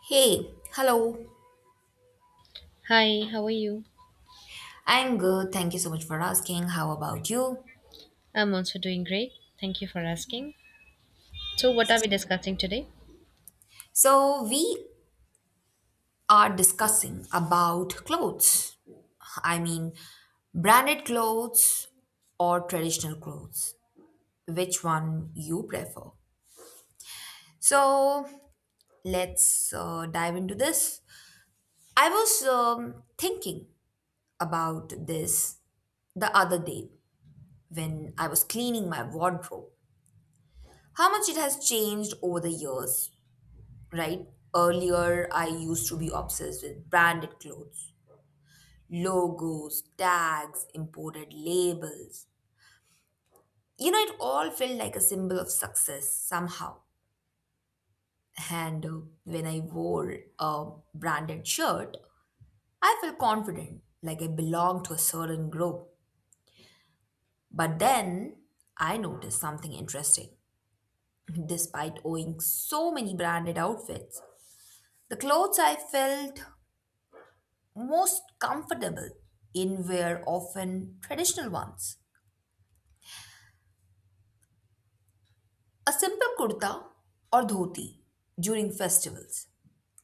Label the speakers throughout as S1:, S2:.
S1: Hey, hello.
S2: Hi, how are you?
S1: I'm good. Thank you so much for asking. How about you?
S2: I'm also doing great. Thank you for asking. So, what are we discussing today?
S1: So, we are discussing about clothes. I mean, branded clothes or traditional clothes. Which one you prefer? So, let's dive into this. I was thinking about this the other day when I was cleaning my wardrobe. How much it has changed over the years, right? Earlier, I used to be obsessed with branded clothes, logos, tags, imported labels. You know, it all felt like a symbol of success somehow. And when I wore a branded shirt, I felt confident, like I belonged to a certain group. But then I noticed something interesting. Despite owning so many branded outfits, the clothes I felt most comfortable inwear often traditional ones. A simple kurta or dhoti during festivals,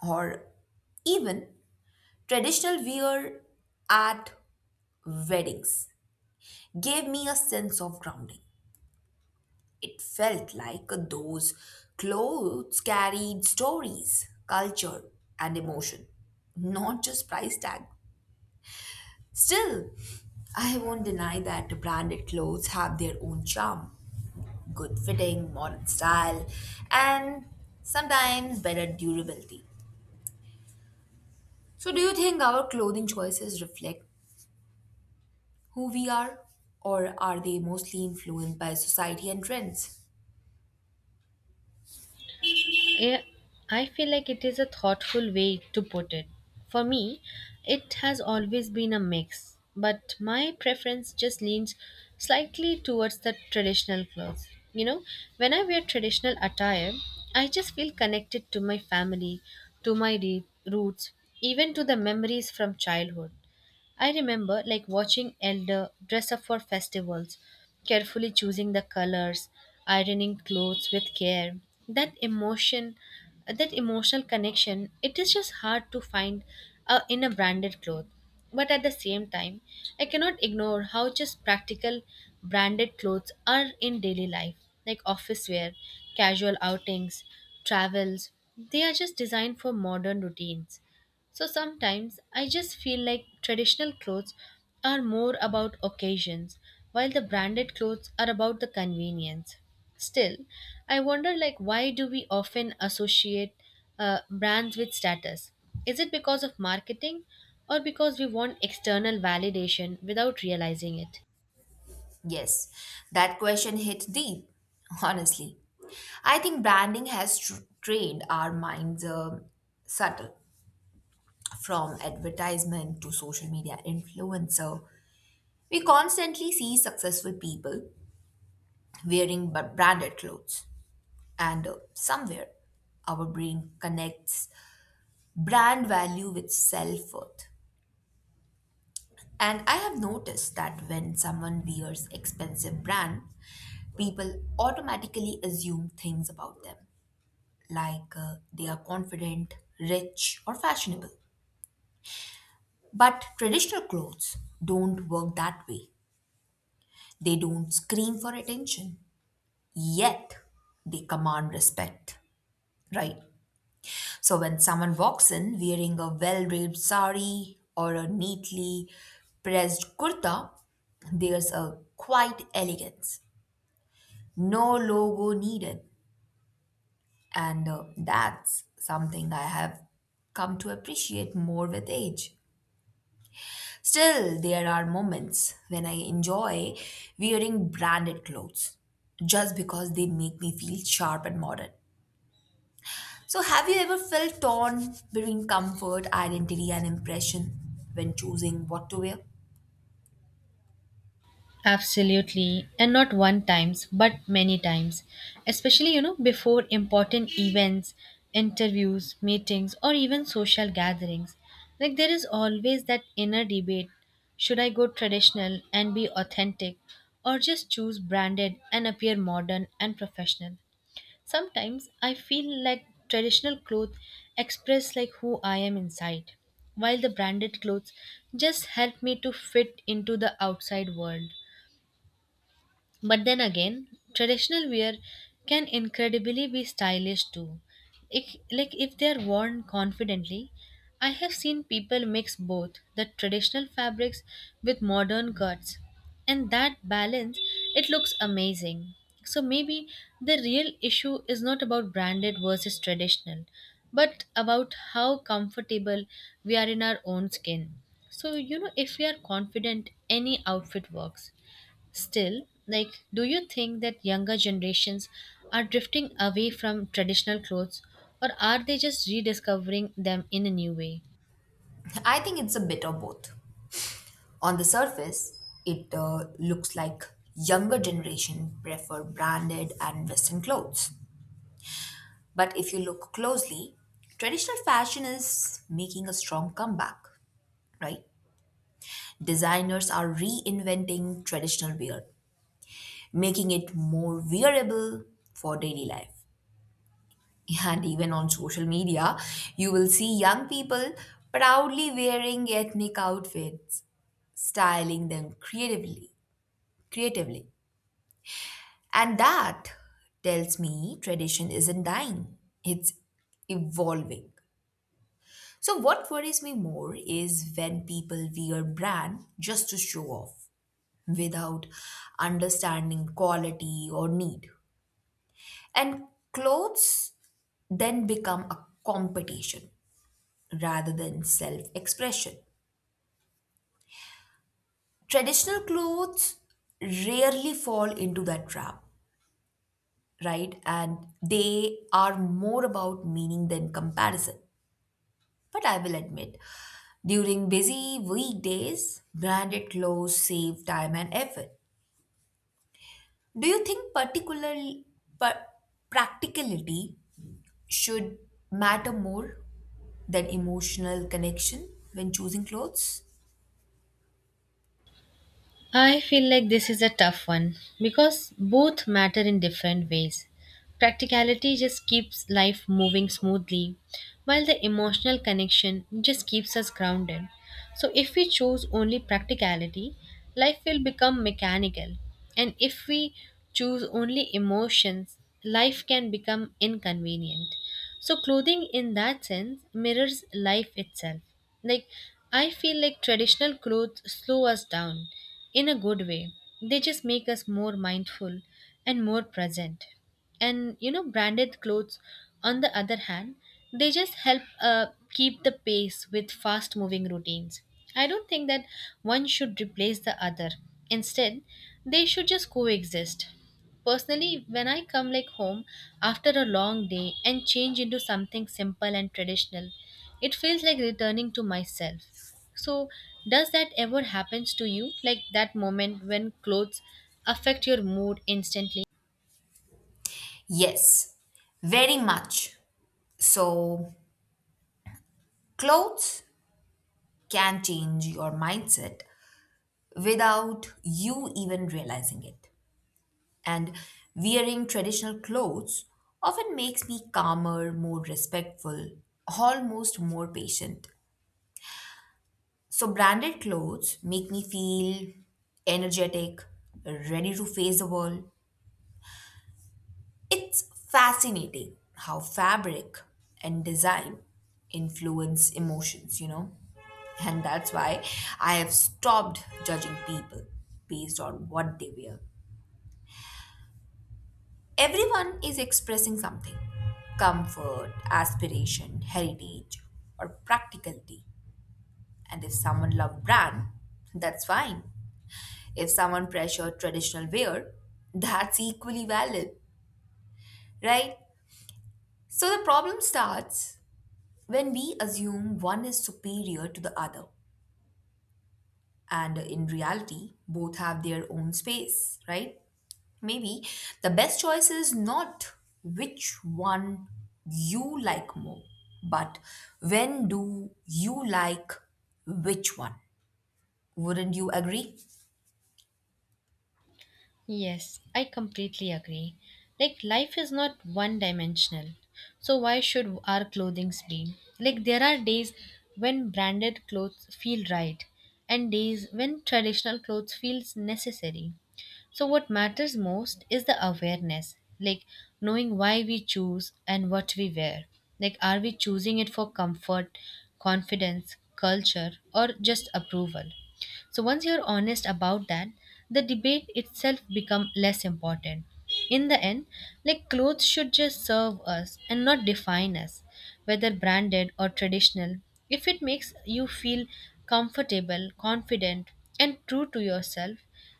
S1: or even traditional wear at weddings, gave me a sense of grounding. It felt like those clothes carried stories, culture, and emotion, not just price tag. Still, I won't deny that branded clothes have their own charm, good fitting, modern style, and sometimes better durability. So, do you think our clothing choices reflect who we are, or are they mostly influenced by society and trends?
S2: Yeah, I feel like it is a thoughtful way to put it. For me, it has always been a mix, but my preference just leans slightly towards the traditional clothes. You know, when I wear traditional attire, I just feel connected to my family, to my roots, even to the memories from childhood. I remember like watching elder dress up for festivals, carefully choosing the colors, ironing clothes with care. That emotion, that emotional connection, it is just hard to find in a branded cloth. But at the same time, I cannot ignore how just practical branded clothes are in daily life, like office wear, casual outings, travels. They are just designed for modern routines. So sometimes I just feel like traditional clothes are more about occasions while the branded clothes are about the convenience. Still, I wonder like why do we often associate brands with status? Is it because of marketing or because we want external validation without realizing it?
S1: Yes, that question hit deep, honestly. I think branding has trained our minds, subtle, from advertisement to social media influencer. We constantly see successful people wearing branded clothes. And somewhere, our brain connects brand value with self worth. And I have noticed that when someone wears expensive brand, people automatically assume things about them, like they are confident, rich, or fashionable. But traditional clothes don't work that way. They don't scream for attention, yet they command respect, right? So when someone walks in wearing a well-draped sari or a neatly pressed kurta, there's a quiet elegance. No logo needed. And that's something I have come to appreciate more with age. Still, there are moments when I enjoy wearing branded clothes just because they make me feel sharp and modern. So, have you ever felt torn between comfort, identity, and impression when choosing what to wear?
S2: Absolutely, and not one times, but many times, especially you know before important events, interviews, meetings, or even social gatherings. Like there is always that inner debate: should I go traditional and be authentic, or just choose branded and appear modern and professional? Sometimes I feel like traditional clothes express like who I am inside, while the branded clothes just help me to fit into the outside world. But then again, traditional wear can incredibly be stylish too. If, like if they are worn confidently, I have seen people mix both the traditional fabrics with modern cuts, and that balance it looks amazing. So maybe the real issue is not about branded versus traditional, but about how comfortable we are in our own skin. So, you know, if we are confident, any outfit works. Still, like, do you think that younger generations are drifting away from traditional clothes or are they just rediscovering them in a new way?
S1: I think it's a bit of both. On the surface, it looks like younger generation prefer branded and western clothes. But if you look closely, traditional fashion is making a strong comeback, right? Designers are reinventing traditional wear, making it more wearable for daily life. And even on social media, you will see young people proudly wearing ethnic outfits, styling them creatively. And that tells me tradition isn't dying, it's evolving. So what worries me more is when people wear brand just to show off without understanding quality or need. And clothes then become a competition rather than self expression. Traditional clothes rarely fall into that trap, right? And they are more about meaning than comparison. But I will admit, during busy weekdays, branded clothes save time and effort. Do you think par- practicality should matter more than emotional connection when choosing clothes?
S2: I feel like this is a tough one because both matter in different ways. Practicality just keeps life moving smoothly, while the emotional connection just keeps us grounded. So, if we choose only practicality, life will become mechanical. And if we choose only emotions, life can become inconvenient. So, clothing in that sense mirrors life itself. Like, I feel like traditional clothes slow us down in a good way, they just make us more mindful and more present. And you know branded clothes on the other hand they just help keep the pace with fast moving routines. I don't think that one should replace the other, instead they should just coexist. Personally when I come like home after a long day and change into something simple and traditional, it feels like returning to myself. So does that ever happens to you, like that moment when clothes affect your mood instantly?
S1: Yes, very much. So, clothes can change your mindset without you even realizing it. And wearing traditional clothes often makes me calmer, more respectful, almost more patient. So, branded clothes make me feel energetic, ready to face the world. It's fascinating how fabric and design influence emotions, you know? And that's why I have stopped judging people based on what they wear. Everyone is expressing something, comfort, aspiration, heritage, or practicality. And if someone loves brand, that's fine. If someone pressures traditional wear, that's equally valid, right? So the problem starts when we assume one is superior to the other, and in reality, both have their own space, right? Maybe the best choice is not which one you like more, but when do you like which one? Wouldn't you agree?
S2: Yes, I completely agree. Like, life is not one dimensional. So, why should our clothing be? Like, there are days when branded clothes feel right and days when traditional clothes feels necessary. So, what matters most is the awareness, like knowing why we choose and what we wear. Like, are we choosing it for comfort, confidence, culture, or just approval? So once you're honest about that, the debate itself become less important. In the end, like clothes should just serve us and not define us, whether branded or traditional. If it makes you feel comfortable, confident, and true to yourself,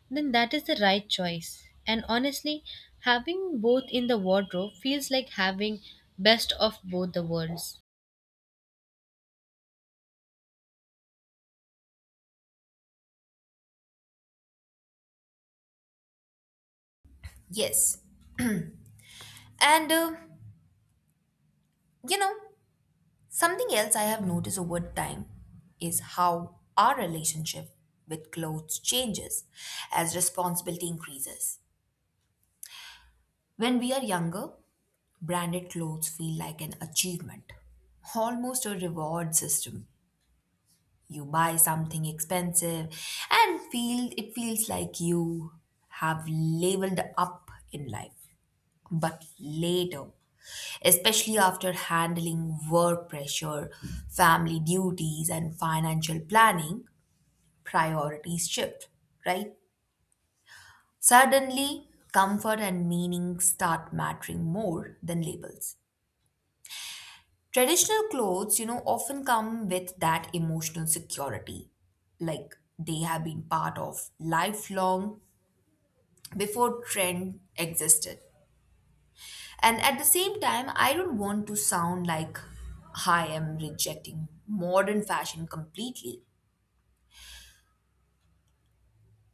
S2: then that is the right choice. And honestly, having both in the wardrobe feels like having best of both the worlds.
S1: Yes. And you know, something else I have noticed over time is how our relationship with clothes changes as responsibility increases. When we are younger, branded clothes feel like an achievement, almost a reward system. You buy something expensive and feels like you have leveled up in life. But later, especially after handling work pressure, family duties and financial planning, priorities shift, right? Suddenly, comfort and meaning start mattering more than labels. Traditional clothes, often come with that emotional security, like they have been part of lifelong before trend existed. And at the same time, I don't want to sound like I am rejecting modern fashion completely.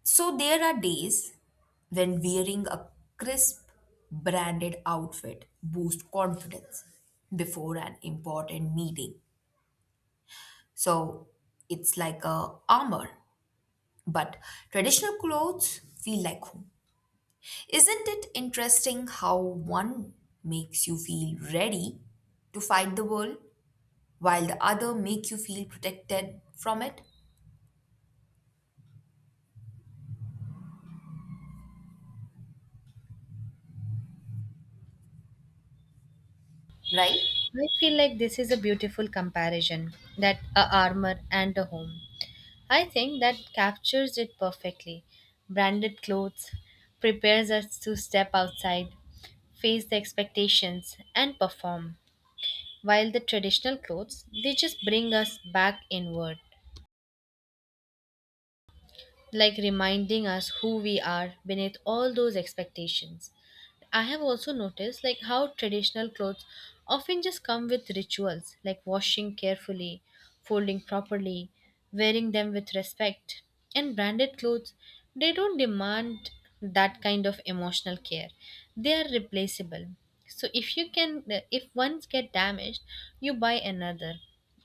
S1: So there are days when wearing a crisp branded outfit boosts confidence before an important meeting. So it's like a armor. But traditional clothes feel like home. Isn't it interesting how one makes you feel ready to fight the world while the other make you feel protected from it, right?
S2: I feel like this is a beautiful comparison, that a armor and a home. I think that captures it perfectly. Branded clothes prepares us to step outside, face the expectations, and perform. While the traditional clothes, they just bring us back inward, like reminding us who we are beneath all those expectations. I have also noticed like how traditional clothes often just come with rituals like washing carefully, folding properly, wearing them with respect. And branded clothes, they don't demand that kind of emotional care. They are replaceable. So if you can if once get damaged, you buy another,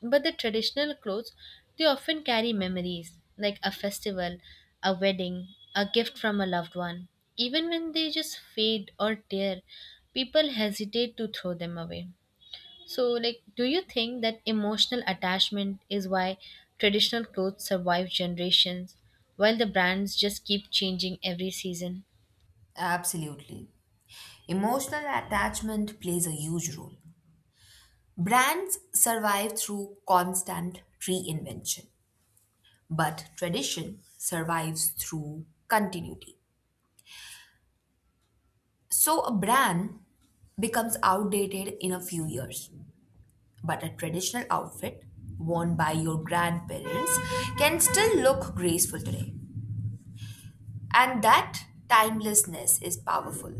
S2: but the traditional clothes, they often carry memories like a festival, a wedding, a gift from a loved one. Even when they just fade or tear, people hesitate to throw them away. So, like, do you think that emotional attachment is why traditional clothes survive generations while the brands just keep changing every season?
S1: Absolutely. Emotional attachment plays a huge role. Brands survive through constant reinvention, but tradition survives through continuity. So a brand becomes outdated in a few years. But a traditional outfit worn by your grandparents can still look graceful today. And that timelessness is powerful.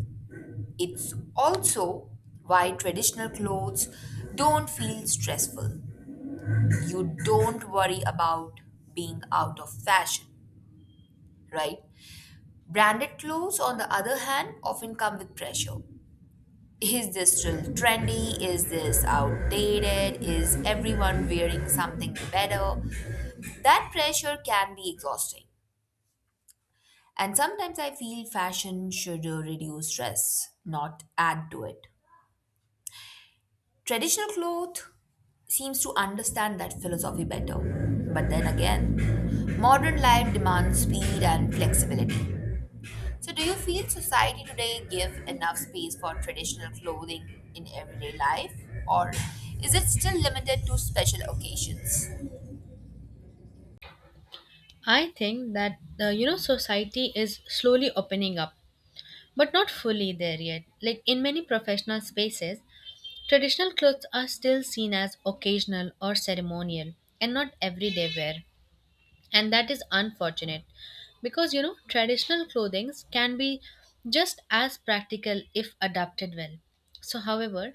S1: It's also why traditional clothes don't feel stressful. You don't worry about being out of fashion, right? Branded clothes, on the other hand, often come with pressure. Is this still trendy? Is this outdated? Is everyone wearing something better? That pressure can be exhausting. And sometimes I feel fashion should reduce stress, not add to it. Traditional cloth seems to understand that philosophy better. But then again, modern life demands speed and flexibility. So, do you feel society today give enough space for traditional clothing in everyday life, or is it still limited to special occasions?
S2: I think that the you know society is slowly opening up, but not fully there yet. Like in many professional spaces, traditional clothes are still seen as occasional or ceremonial and not everyday wear, and that is unfortunate because you know traditional clothings can be just as practical if adapted well. So, however,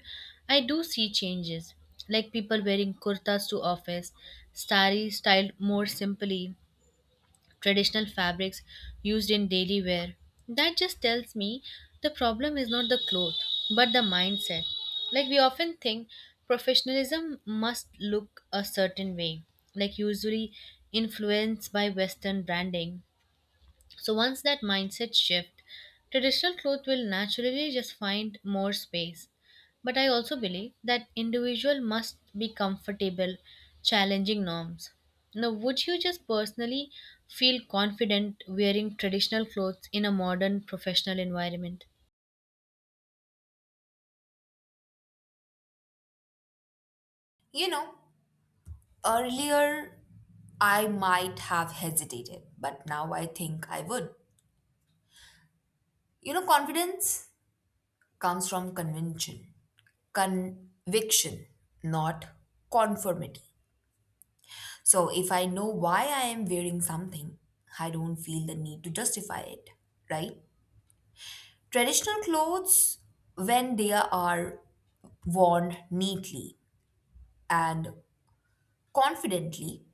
S2: I do see changes like people wearing kurtas to office, sari styled more simply, traditional fabrics used in daily wear. That just tells me the problem is not the cloth, but the mindset. Like we often think professionalism must look a certain way, like usually influenced by Western branding. So once that mindset shift, traditional clothes will naturally just find more space. But I also believe that individual must be comfortable challenging norms. Now, would you just personally feel confident wearing traditional clothes in a modern professional environment?
S1: You know, earlier I might have hesitated, but now I think I would. Confidence comes from conviction, not conformity. So if I know why I am wearing something, I don't feel the need to justify it, right? Traditional clothes, when they are worn neatly and confidently,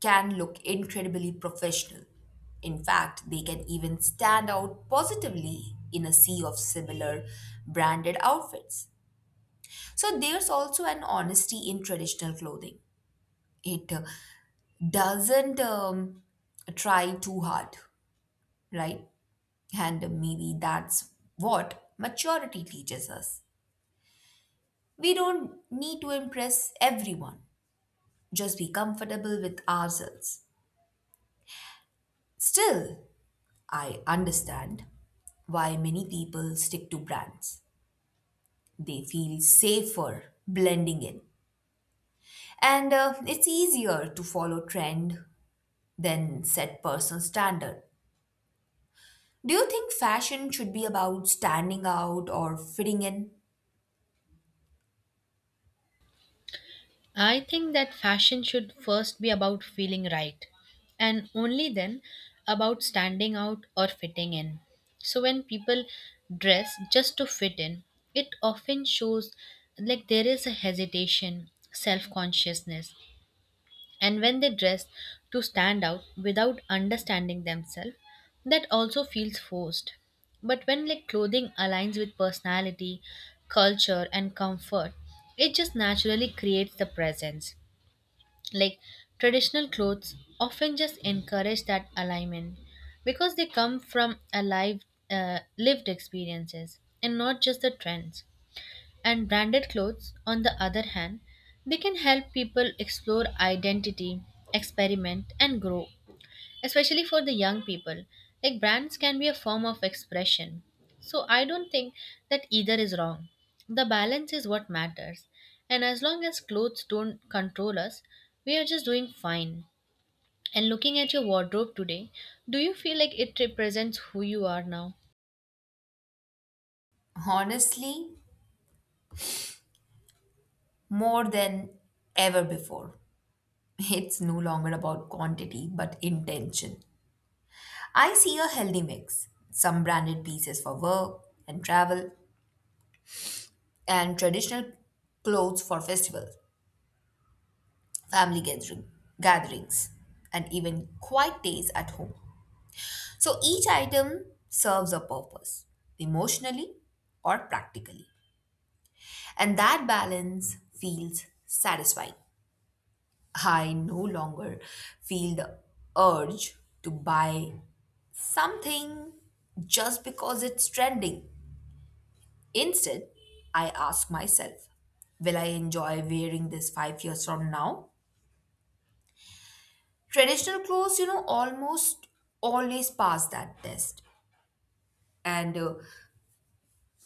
S1: can look incredibly professional. In fact, they can even stand out positively in a sea of similar branded outfits. So there's also an honesty in traditional clothing. It doesn't try too hard, right? And maybe that's what maturity teaches us. We don't need to impress everyone, just be comfortable with ourselves. Still, I understand why many people stick to brands. They feel safer blending in. And it's easier to follow trend than set personal standard. Do you think fashion should be about standing out or fitting in?
S2: I think that fashion should first be about feeling right and only then about standing out or fitting in. So when people dress just to fit in, it often shows like there is a hesitation, self consciousness, and when they dress to stand out without understanding themselves, that also feels forced. But when like clothing aligns with personality, culture, and comfort, it just naturally creates the presence. Like traditional clothes often just encourage that alignment because they come from alive lived experiences and not just the trends. And branded clothes, on the other hand, they can help people explore identity, experiment, and grow especially for the young people. Like brands can be a form of expression. So I don't think that either is wrong. The balance is what matters. And as long as clothes don't control us, we are just doing fine. And looking at your wardrobe today, do you feel like it represents who you are now?
S1: Honestly, more than ever before. It's no longer about quantity but intention. I see a healthy mix. Some branded pieces for work and travel, and traditional clothes for festivals, family gatherings, and even quiet days at home. So each item serves a purpose, emotionally or practically. And that balance feels satisfying. I no longer feel the urge to buy something just because it's trending. Instead, I ask myself, will I enjoy wearing this 5 years from now? Traditional clothes almost always pass that test. And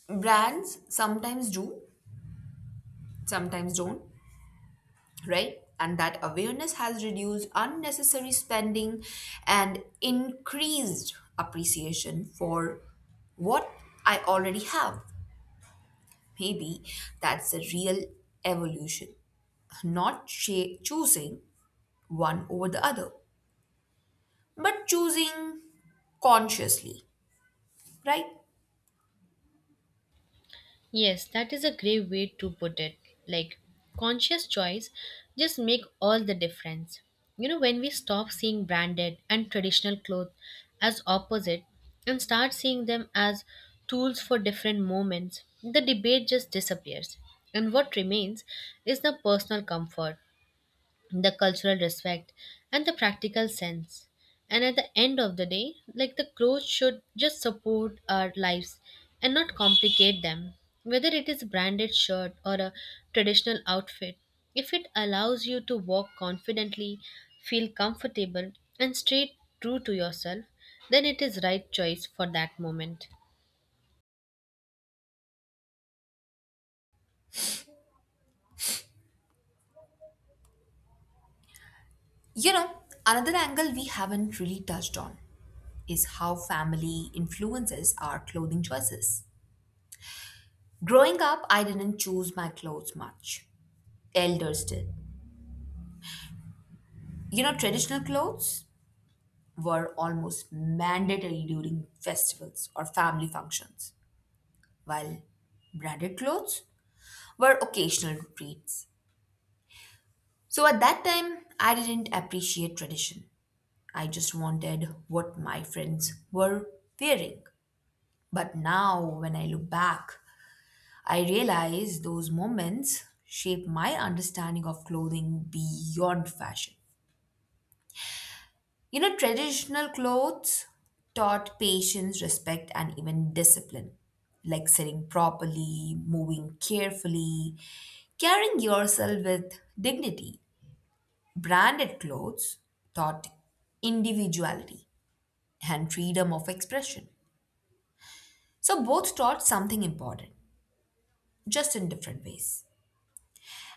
S1: brands sometimes do, sometimes don't, right? And that awareness has reduced unnecessary spending and increased appreciation for what I already have. Maybe that's the real evolution, not choosing one over the other, but choosing consciously, right?
S2: Yes, that is a great way to put it. Like, conscious choice just make all the difference. You know, when we stop seeing branded and traditional clothes as opposite and start seeing them as tools for different moments, the debate just disappears. And what remains is the personal comfort, the cultural respect and the practical sense. And at the end of the day like the clothes should just support our lives and not complicate them, whether it is a branded shirt or a traditional outfit. If it allows you to walk confidently, feel comfortable and stay true to yourself, then it is right choice for that moment.
S1: You know, another angle we haven't really touched on is how family influences our clothing choices. Growing up, I didn't choose my clothes much. Elders did. You know, traditional clothes were almost mandatory during festivals or family functions, while branded clothes were occasional treats. So at that time, I didn't appreciate tradition. I just wanted what my friends were wearing. But now, when I look back, I realize those moments shape my understanding of clothing beyond fashion. You know, traditional clothes taught patience, respect, and even discipline, like sitting properly, moving carefully, carrying yourself with dignity. Branded clothes taught individuality and freedom of expression. So, both taught something important, just in different ways.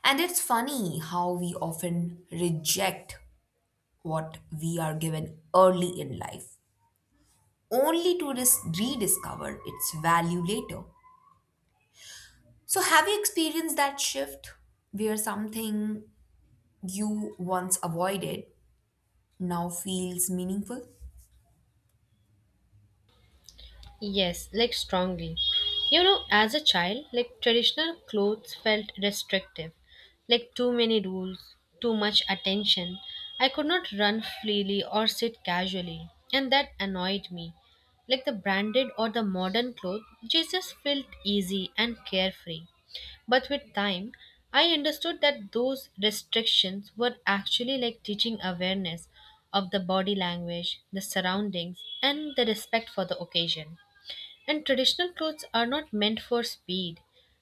S1: And it's funny how we often reject what we are given early in life, only to rediscover its value later. So, have you experienced that shift where something you once avoided now feels meaningful?
S2: Yes, like strongly. You know, as a child, like traditional clothes felt restrictive, like too many rules, too much attention. I could not run freely or sit casually, and that annoyed me. Like the branded or the modern clothes, Jesus felt easy and carefree. But with time, I understood that those restrictions were actually like teaching awareness of the body language, the surroundings, and the respect for the occasion. And traditional clothes are not meant for speed,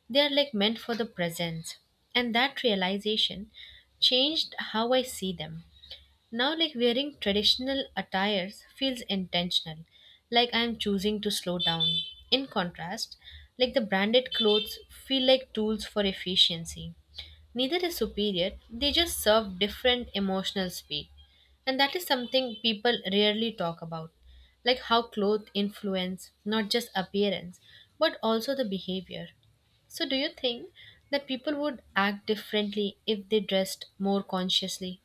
S2: they are like meant for the presence. And that realization changed how I see them. Now, like wearing traditional attires feels intentional, like I am choosing to slow down. In contrast, like the branded clothes feel like tools for efficiency. Neither is superior, they just serve different emotional speed. And that is something people rarely talk about. Like how clothes influence not just appearance, but also the behavior. So, do you think that people would act differently if they dressed more consciously?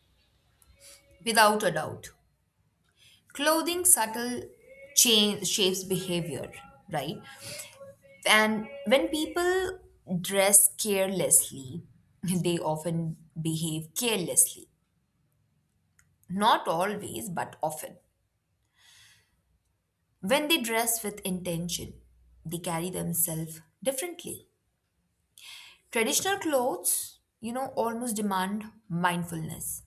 S1: Without a doubt. Clothing subtle change shapes behavior, right? And when people dress carelessly, they often behave carelessly. Not always, but often. When they dress with intention, they carry themselves differently. Traditional clothes, almost demand mindfulness.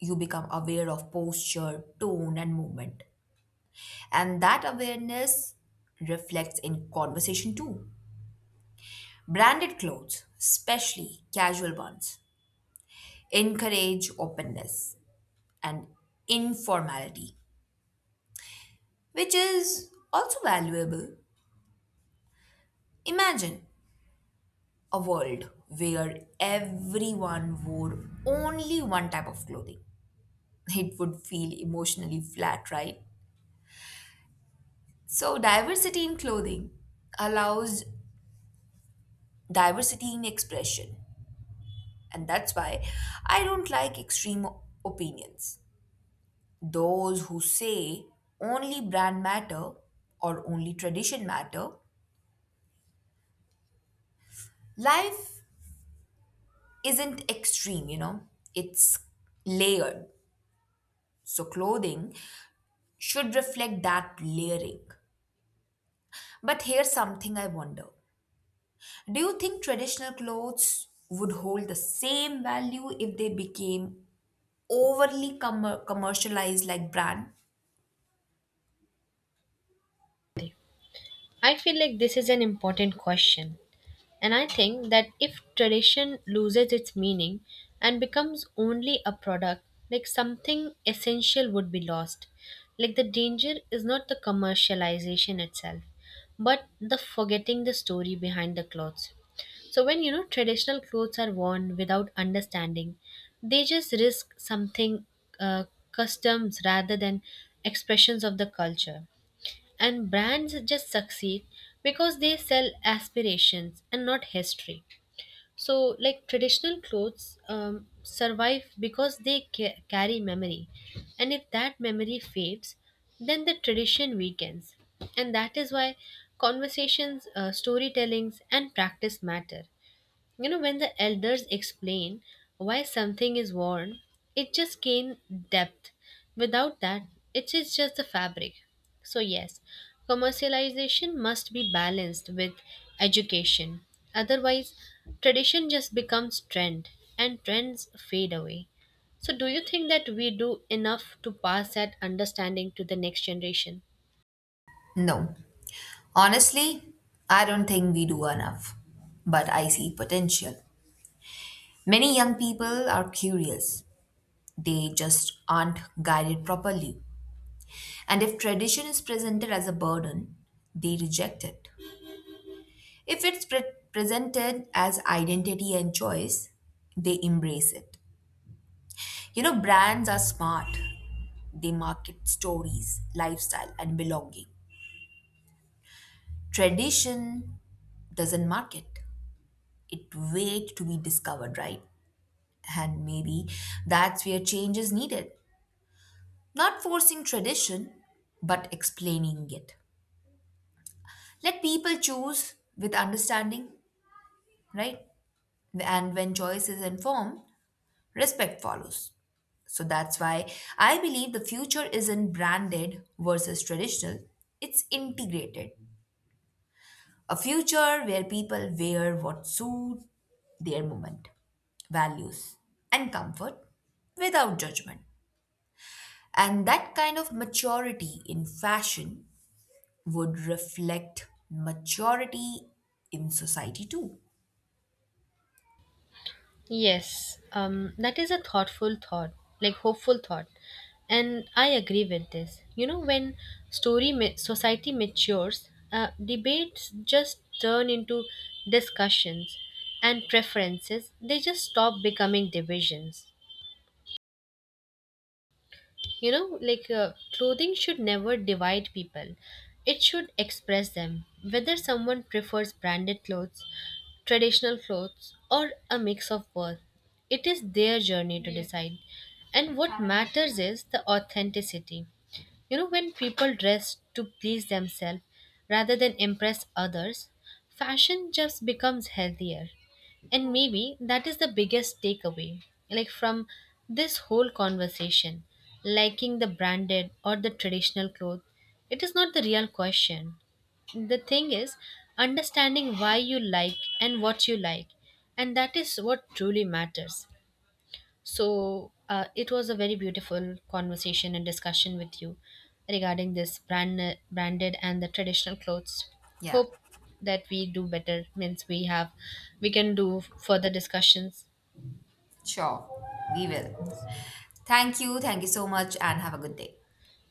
S1: You become aware of posture, tone, and movement. And that awareness reflects in conversation too. Branded clothes, especially casual ones, encourage openness and informality, which is also valuable. Imagine a world where everyone wore only one type of clothing. It would feel emotionally flat, right? So, diversity in clothing allows diversity in expression. And that's why I don't like extreme opinions. Those who say only brand matter or only tradition matter, life isn't extreme, it's layered. So, clothing should reflect that layering. But here's something I wonder. Do you think traditional clothes would hold the same value if they became overly commercialized like brand?
S2: I feel like this is an important question. And I think that if tradition loses its meaning and becomes only a product, like something essential would be lost. Like the danger is not the commercialization itself, but the forgetting the story behind the clothes. So when you know traditional clothes are worn without understanding, they just risk something uh, customs rather than expressions of the culture. And brands just succeed because they sell aspirations and not history. So, like traditional clothes survive because they carry memory. And if that memory fades, then the tradition weakens. And that is why conversations, storytellings, and practice matter. You know, when the elders explain why something is worn, it just gains depth. Without that, it is just the fabric. So, yes, commercialization must be balanced with education. Otherwise, tradition just becomes trend and trends fade away. So, do you think that we do enough to pass that understanding to the next generation?
S1: No. Honestly, I don't think we do enough. But I see potential. Many young people are curious. They just aren't guided properly. And if tradition is presented as a burden, they reject it. If it's presented as identity and choice, they embrace it. You know, brands are smart. They market stories, lifestyle, and belonging. Tradition doesn't market, it waits to be discovered, right? And maybe that's where change is needed. Not forcing tradition, but explaining it. Let people choose with understanding, right? And when choice is informed, respect follows. So that's why I believe the future isn't branded versus traditional, it's integrated. A future where people wear what suits their moment, values, and comfort without judgment. And that kind of maturity in fashion would reflect maturity in society too.
S2: Yes, that is a thoughtful thought, like hopeful thought, and I agree with this. You know, when society matures, debates just turn into discussions, and preferences they just stop becoming divisions. You know like clothing should never divide people, it should express them. Whether someone prefers branded clothes, traditional clothes or a mix of both, it is their journey to decide, and what matters is the authenticity. You know, when people dress to please themselves rather than impress others, fashion just becomes healthier. And maybe that is the biggest takeaway, like from this whole conversation. Liking the branded or the traditional clothes, it is not the real question. The thing is understanding why you like and what you like, and that is what truly matters. So it was a very beautiful conversation and discussion with you regarding this branded and the traditional clothes.
S1: Yeah,
S2: Hope that we do better means we can do further discussions.
S1: sure, we will. Thank you so much, and have a good day.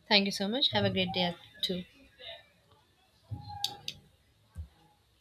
S2: Thank you so much. Have a great day too.